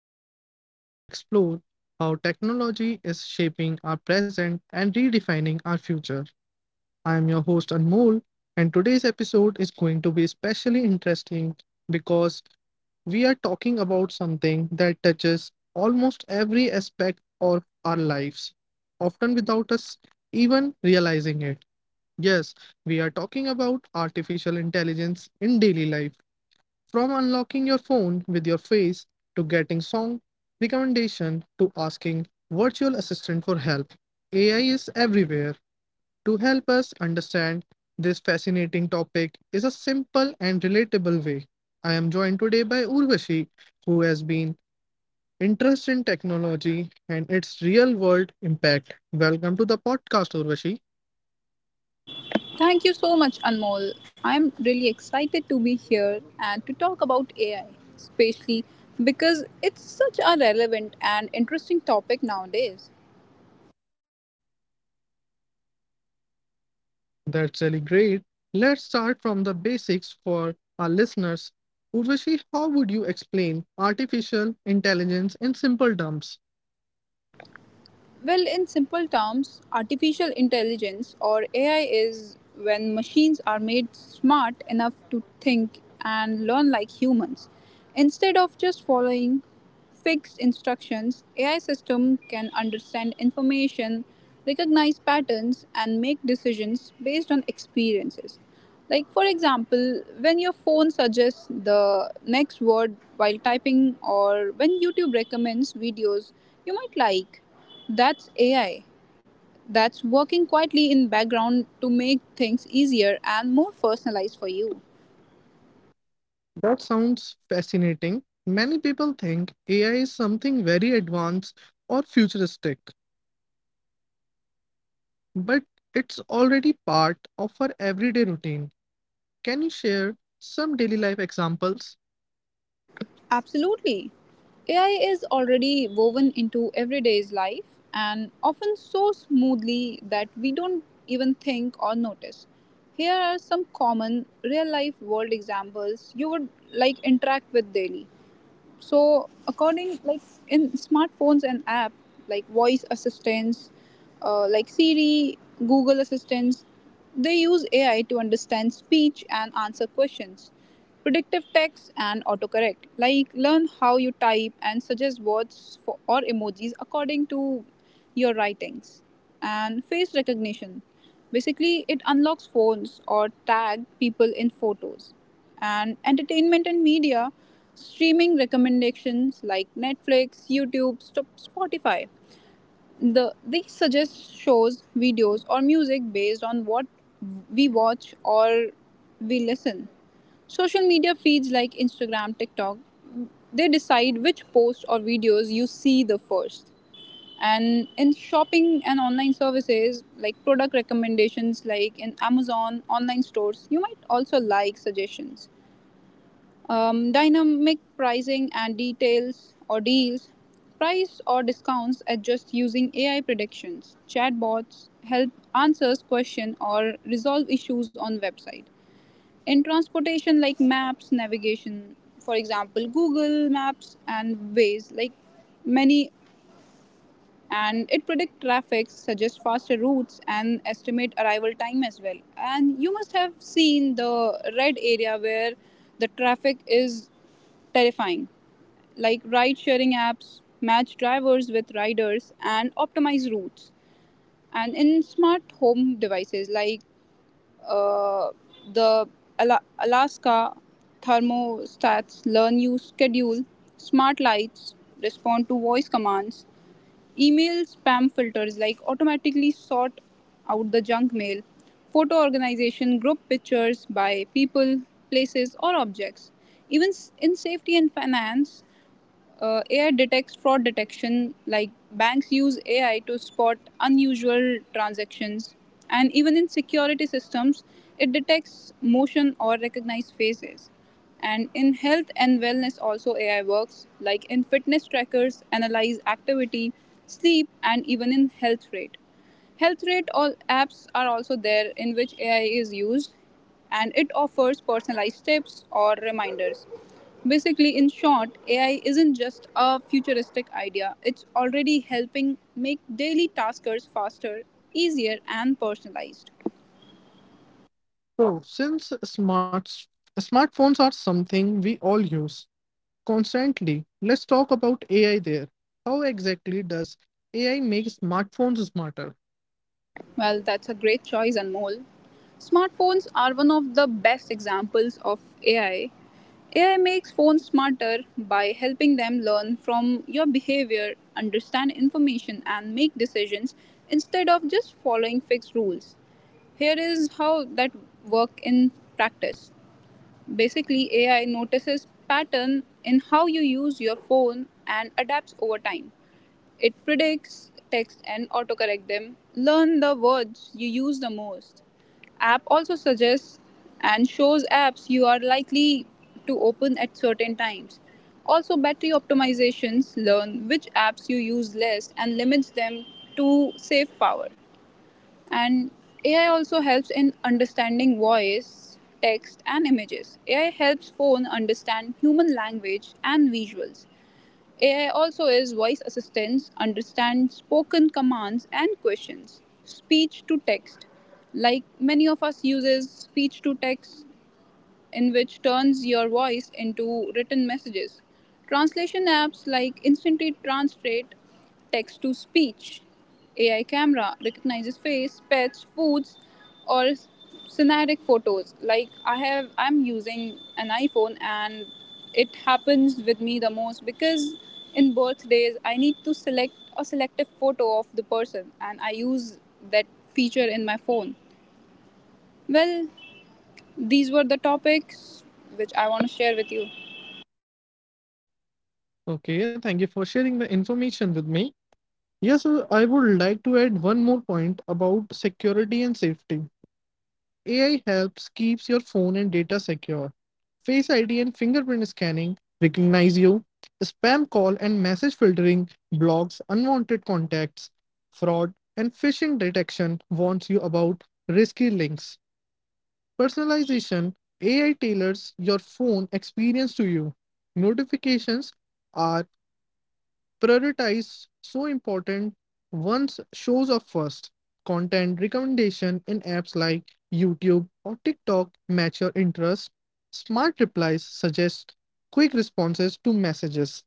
podcast where we explore how technology is shaping our present and redefining our future. I am your host Anmol, and today's episode is going to be especially interesting because we are talking about something that touches almost every aspect of our lives, often without us even realizing it. Yes, we are talking about artificial intelligence in daily life, from unlocking your phone with your face to getting song recommendation to asking virtual assistant for help. AI is everywhere. To help us understand this fascinating topic is a simple and relatable way. I am joined today by Urvashi, who has been interested in technology and its real world impact. Welcome to the podcast, Urvashi. Thank you so much, Anmol. I'm really excited to be here and to talk about AI, especially because it's such a relevant and interesting topic nowadays. That's really great. Let's start from the basics for our listeners. Urvashi, how would you explain artificial intelligence in simple terms? Well, in simple terms, artificial intelligence or AI is when machines are made smart enough to think and learn like humans. Instead of just following fixed instructions, AI system can understand information, recognize patterns and make decisions based on experiences. Like for example, when your phone suggests the next word while typing or when YouTube recommends videos you might like. That's AI. That's working quietly in background to make things easier and more personalized for you. That sounds fascinating. Many people think AI is something very advanced or futuristic, but it's already part of our everyday routine. Can you share some daily life examples? Absolutely. AI is already woven into everyday's life and often so smoothly that we don't even think or notice. Here are some common real life world examples you would like interact with daily. So according like In smartphones and app, like voice assistants, like Siri, Google assistants, they use AI to understand speech and answer questions. Predictive text and autocorrect, like, learn how you type and suggest words for, or emojis according to your writings. And face recognition. Basically, it unlocks phones or tag people in photos. And entertainment and media, streaming recommendations like Netflix, YouTube, Spotify. These suggest shows, videos, or music based on what we watch or we listen. Social media feeds like Instagram, TikTok, they decide which posts or videos you see the first. And in shopping and online services, like product recommendations like in Amazon online stores, you might also like suggestions. Dynamic pricing and details or deals, price or discounts adjust using AI predictions. Chatbots help answers question or resolve issues on website. In transportation, like maps navigation, for example Google Maps and Ways, like many, and it predicts traffic, suggests faster routes and estimate arrival time as well. And you must have seen the red area where the traffic is terrifying. Like ride sharing apps match drivers with riders and optimize routes. And in smart home devices, like uh, the Alaska thermostats learn you schedule, smart lights respond to voice commands. Email spam filters, like, automatically sort out the junk mail. Photo organization group pictures by people, places, or objects. In safety and finance, AI detects fraud detection, like banks use AI to spot unusual transactions, and even in security systems, it detects motion or recognized faces. And in health and wellness, also AI works, like in fitness trackers, analyze activity, sleep, and even in health rate. Health rate all apps are also there in which AI is used and it offers personalized tips or reminders. Basically, in short, AI isn't just a futuristic idea, it's already helping make daily taskers faster, easier, and personalized. So, since smartphones are something we all use, constantly. Let's talk about AI there. How exactly does AI make smartphones smarter? Well, that's a great choice, Anmol. Smartphones are one of the best examples of AI. AI makes phones smarter by helping them learn from your behavior, understand information, and make decisions instead of just following fixed rules. Here is how that work in practice. Basically, AI notices pattern in how you use your phone and adapts over time. It predicts text and autocorrect them. Learn the words you use the most. App also suggests and shows apps you are likely to open at certain times. Also battery optimizations learn which apps you use less and limits them to save power. And AI also helps in understanding voice, text and images. AI helps phone understand human language and visuals. AI also is voice assistants, understands spoken commands and questions. Speech to text. Like many of us uses speech to text in which turns your voice into written messages. Translation apps like instantly translate text to speech. AI camera recognizes face, pets, foods, or scenatic photos. Like I have, I'm using an iPhone, and it happens with me the most because in birthdays I need to select a selective photo of the person, and I use that feature in my phone. Well, these were the topics which I want to share with you. Okay, thank you for sharing the information with me. Yes, sir, I would like to add one more point about security and safety. AI helps keeps your phone and data secure. Face ID and fingerprint scanning recognize you. Spam call and message filtering blocks unwanted contacts. Fraud and phishing detection warns you about risky links. Personalization: AI tailors your phone experience to you. Notifications are prioritized so important once shows up first. Content recommendation in apps like YouTube or TikTok match your interest. Smart replies suggest quick responses to messages.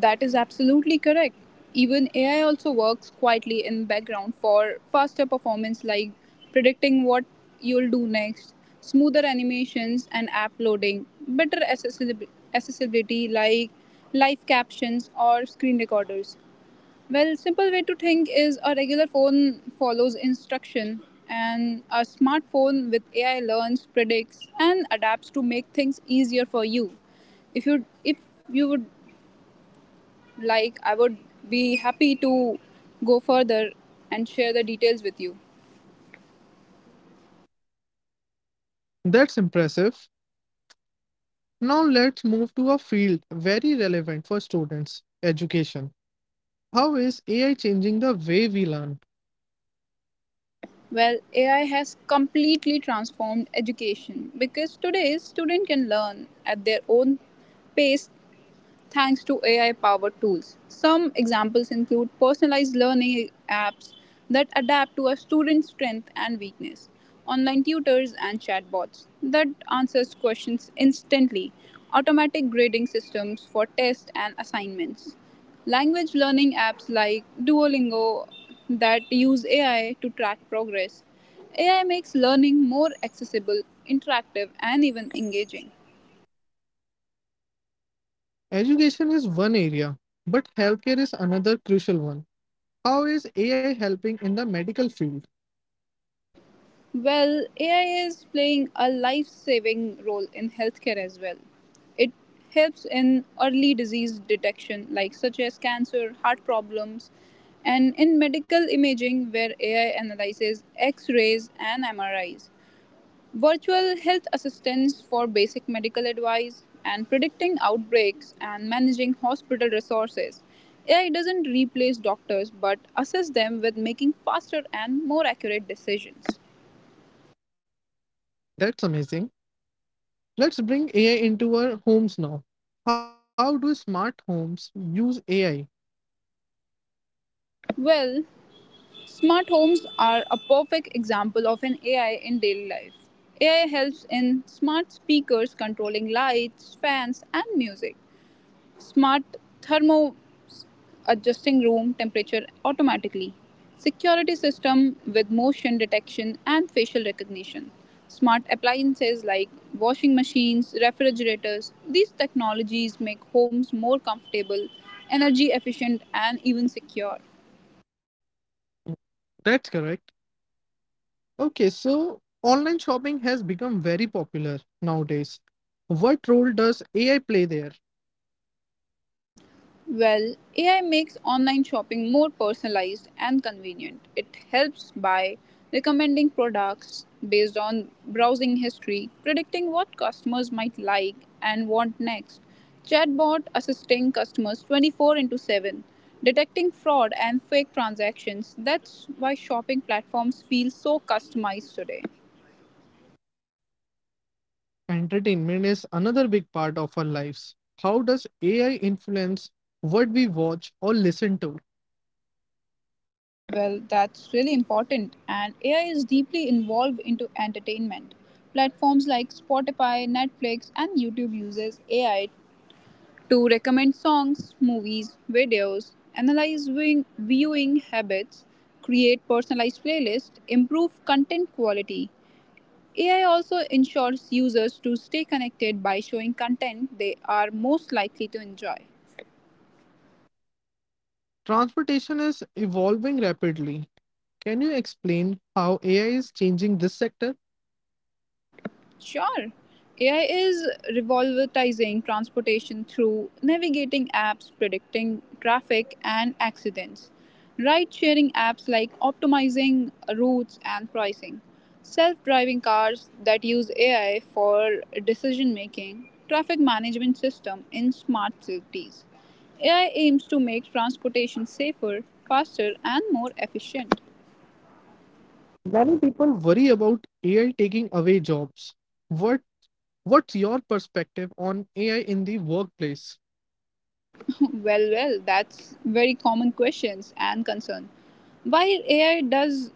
That is absolutely correct. Even AI also works quietly in the background for faster performance, like predicting what you'll do next, smoother animations and app loading, better accessibility like live captions or screen recorders. Well, simple way to think is a regular phone follows instruction and a smartphone with AI learns, predicts and adapts to make things easier for you. If you would like, I would be happy to go further and share the details with you. That's impressive. Now let's move to a field very relevant for students, education. How is AI changing the way we learn? Well, AI has completely transformed education because today's student can learn at their own pace thanks to AI powered tools. Some examples include personalized learning apps that adapt to a student's strength and weakness, online tutors and chatbots that answers questions instantly, automatic grading systems for tests and assignments, language learning apps like Duolingo that use AI to track progress. AI makes learning more accessible, interactive, and even engaging. Education is one area, but healthcare is another crucial one. How is AI helping in the medical field? Well, AI is playing a life saving role in healthcare as well. It helps in early disease detection, like such as cancer, heart problems, and in medical imaging, where AI analyzes X rays and MRIs. Virtual health assistance for basic medical advice and predicting outbreaks and managing hospital resources. AI doesn't replace doctors but assists them with making faster and more accurate decisions. That's amazing. Let's bring AI into our homes now. How do smart homes use AI? Well, smart homes are a perfect example of an AI in daily life. AI helps in smart speakers controlling lights, fans, and music. Smart thermo adjusting room temperature automatically. Security system with motion detection and facial recognition. Smart appliances like washing machines, refrigerators. These technologies make homes more comfortable, energy efficient, and even secure. That's correct. Okay, so online shopping has become very popular nowadays. What role does AI play there? Well, AI makes online shopping more personalized and convenient. It helps by recommending products based on browsing history, predicting what customers might like and want next, chatbot assisting customers 24 into 7, detecting fraud and fake transactions. That's why shopping platforms feel so customized today. Entertainment is another big part of our lives. How does AI influence what we watch or listen to? Well, that's really important, and AI is deeply involved into entertainment. Platforms like Spotify, Netflix, and YouTube uses AI to recommend songs, movies, videos, analyze viewing habits, create personalized playlists, improve content quality. AI also ensures users to stay connected by showing content they are most likely to enjoy. Transportation is evolving rapidly. Can you explain how AI is changing this sector? Sure. AI is revolutionizing transportation through navigating apps, predicting traffic and accidents, ride sharing apps like optimizing routes and pricing, self driving cars that use AI for decision making, traffic management system in smart cities. AI aims to make transportation safer, faster, and more efficient. Many people worry about AI taking away jobs. What what's your perspective on AI in the workplace? Well, that's very common questions and concern. While AI does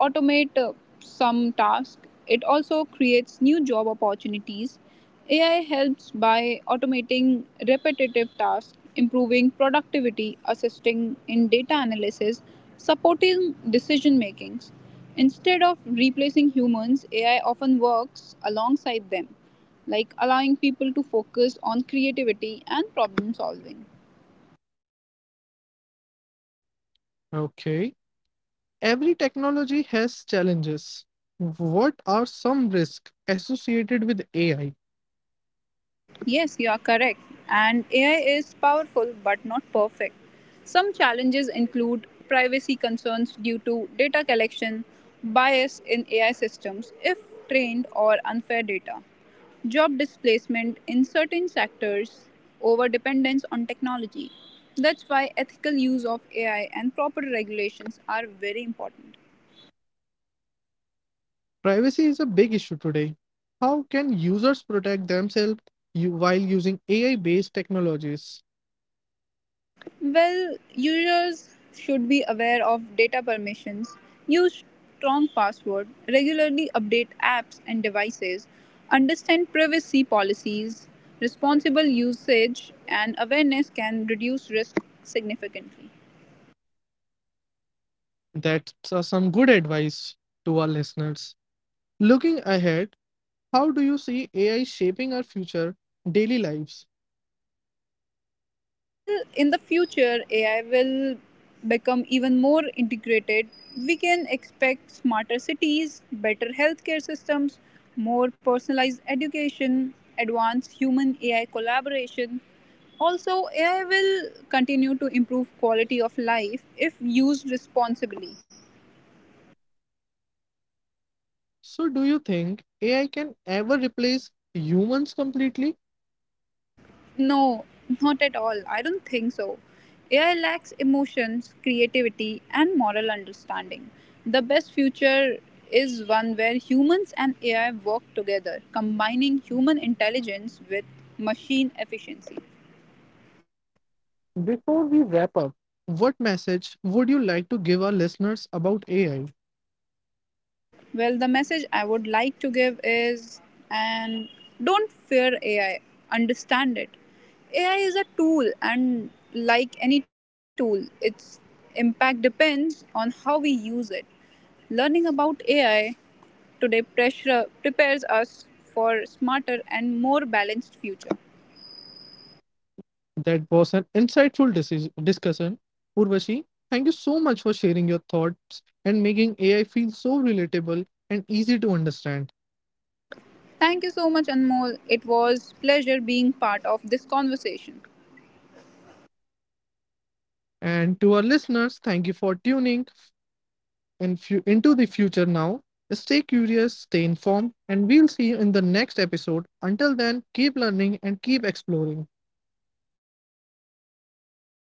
automate some tasks, it also creates new job opportunities. AI helps by automating repetitive tasks, improving productivity, assisting in data analysis, supporting decision makings. Instead of replacing humans, AI often works alongside them, like allowing people to focus on creativity and problem solving. Okay. Every technology has challenges. What are some risks associated with AI? Yes, you are correct. And AI is powerful but not perfect. Some challenges include privacy concerns due to data collection, bias in AI systems if trained or unfair data, job displacement in certain sectors, over dependence on technology. That's why ethical use of AI and proper regulations are very important. Privacy is a big issue today. How can users protect themselves while using AI based technologies? Well, users should be aware of data permissions, use strong password, regularly update apps and devices, understand privacy policies, responsible usage and awareness can reduce risk significantly. That's some good advice to our listeners. Looking ahead, how do you see AI shaping our future daily lives? Well, in the future, AI will become even more integrated. We can expect smarter cities, better healthcare systems, more personalized education, advanced human AI collaboration. Also, AI will continue to improve quality of life if used responsibly. So, do you think AI can ever replace humans completely? No, not at all. I don't think so. AI lacks emotions, creativity, and moral understanding. The best future is one where humans and AI work together, combining human intelligence with machine efficiency. Before we wrap up, what message would you like to give our listeners about AI? Well, the message I would like to give is and don't fear AI, understand it. AI is a tool, and like any tool, its impact depends on how we use it. Learning about AI today pressure prepares us for smarter and more balanced future. That was an insightful discussion. Urvashi, thank you so much for sharing your thoughts and making AI feel so relatable and easy to understand. Thank you so much Anmol. It was pleasure being part of this conversation. And to our listeners, thank you for tuning in into the future now. Stay curious, stay informed, and we'll see you in the next episode. Until then, keep learning and keep exploring.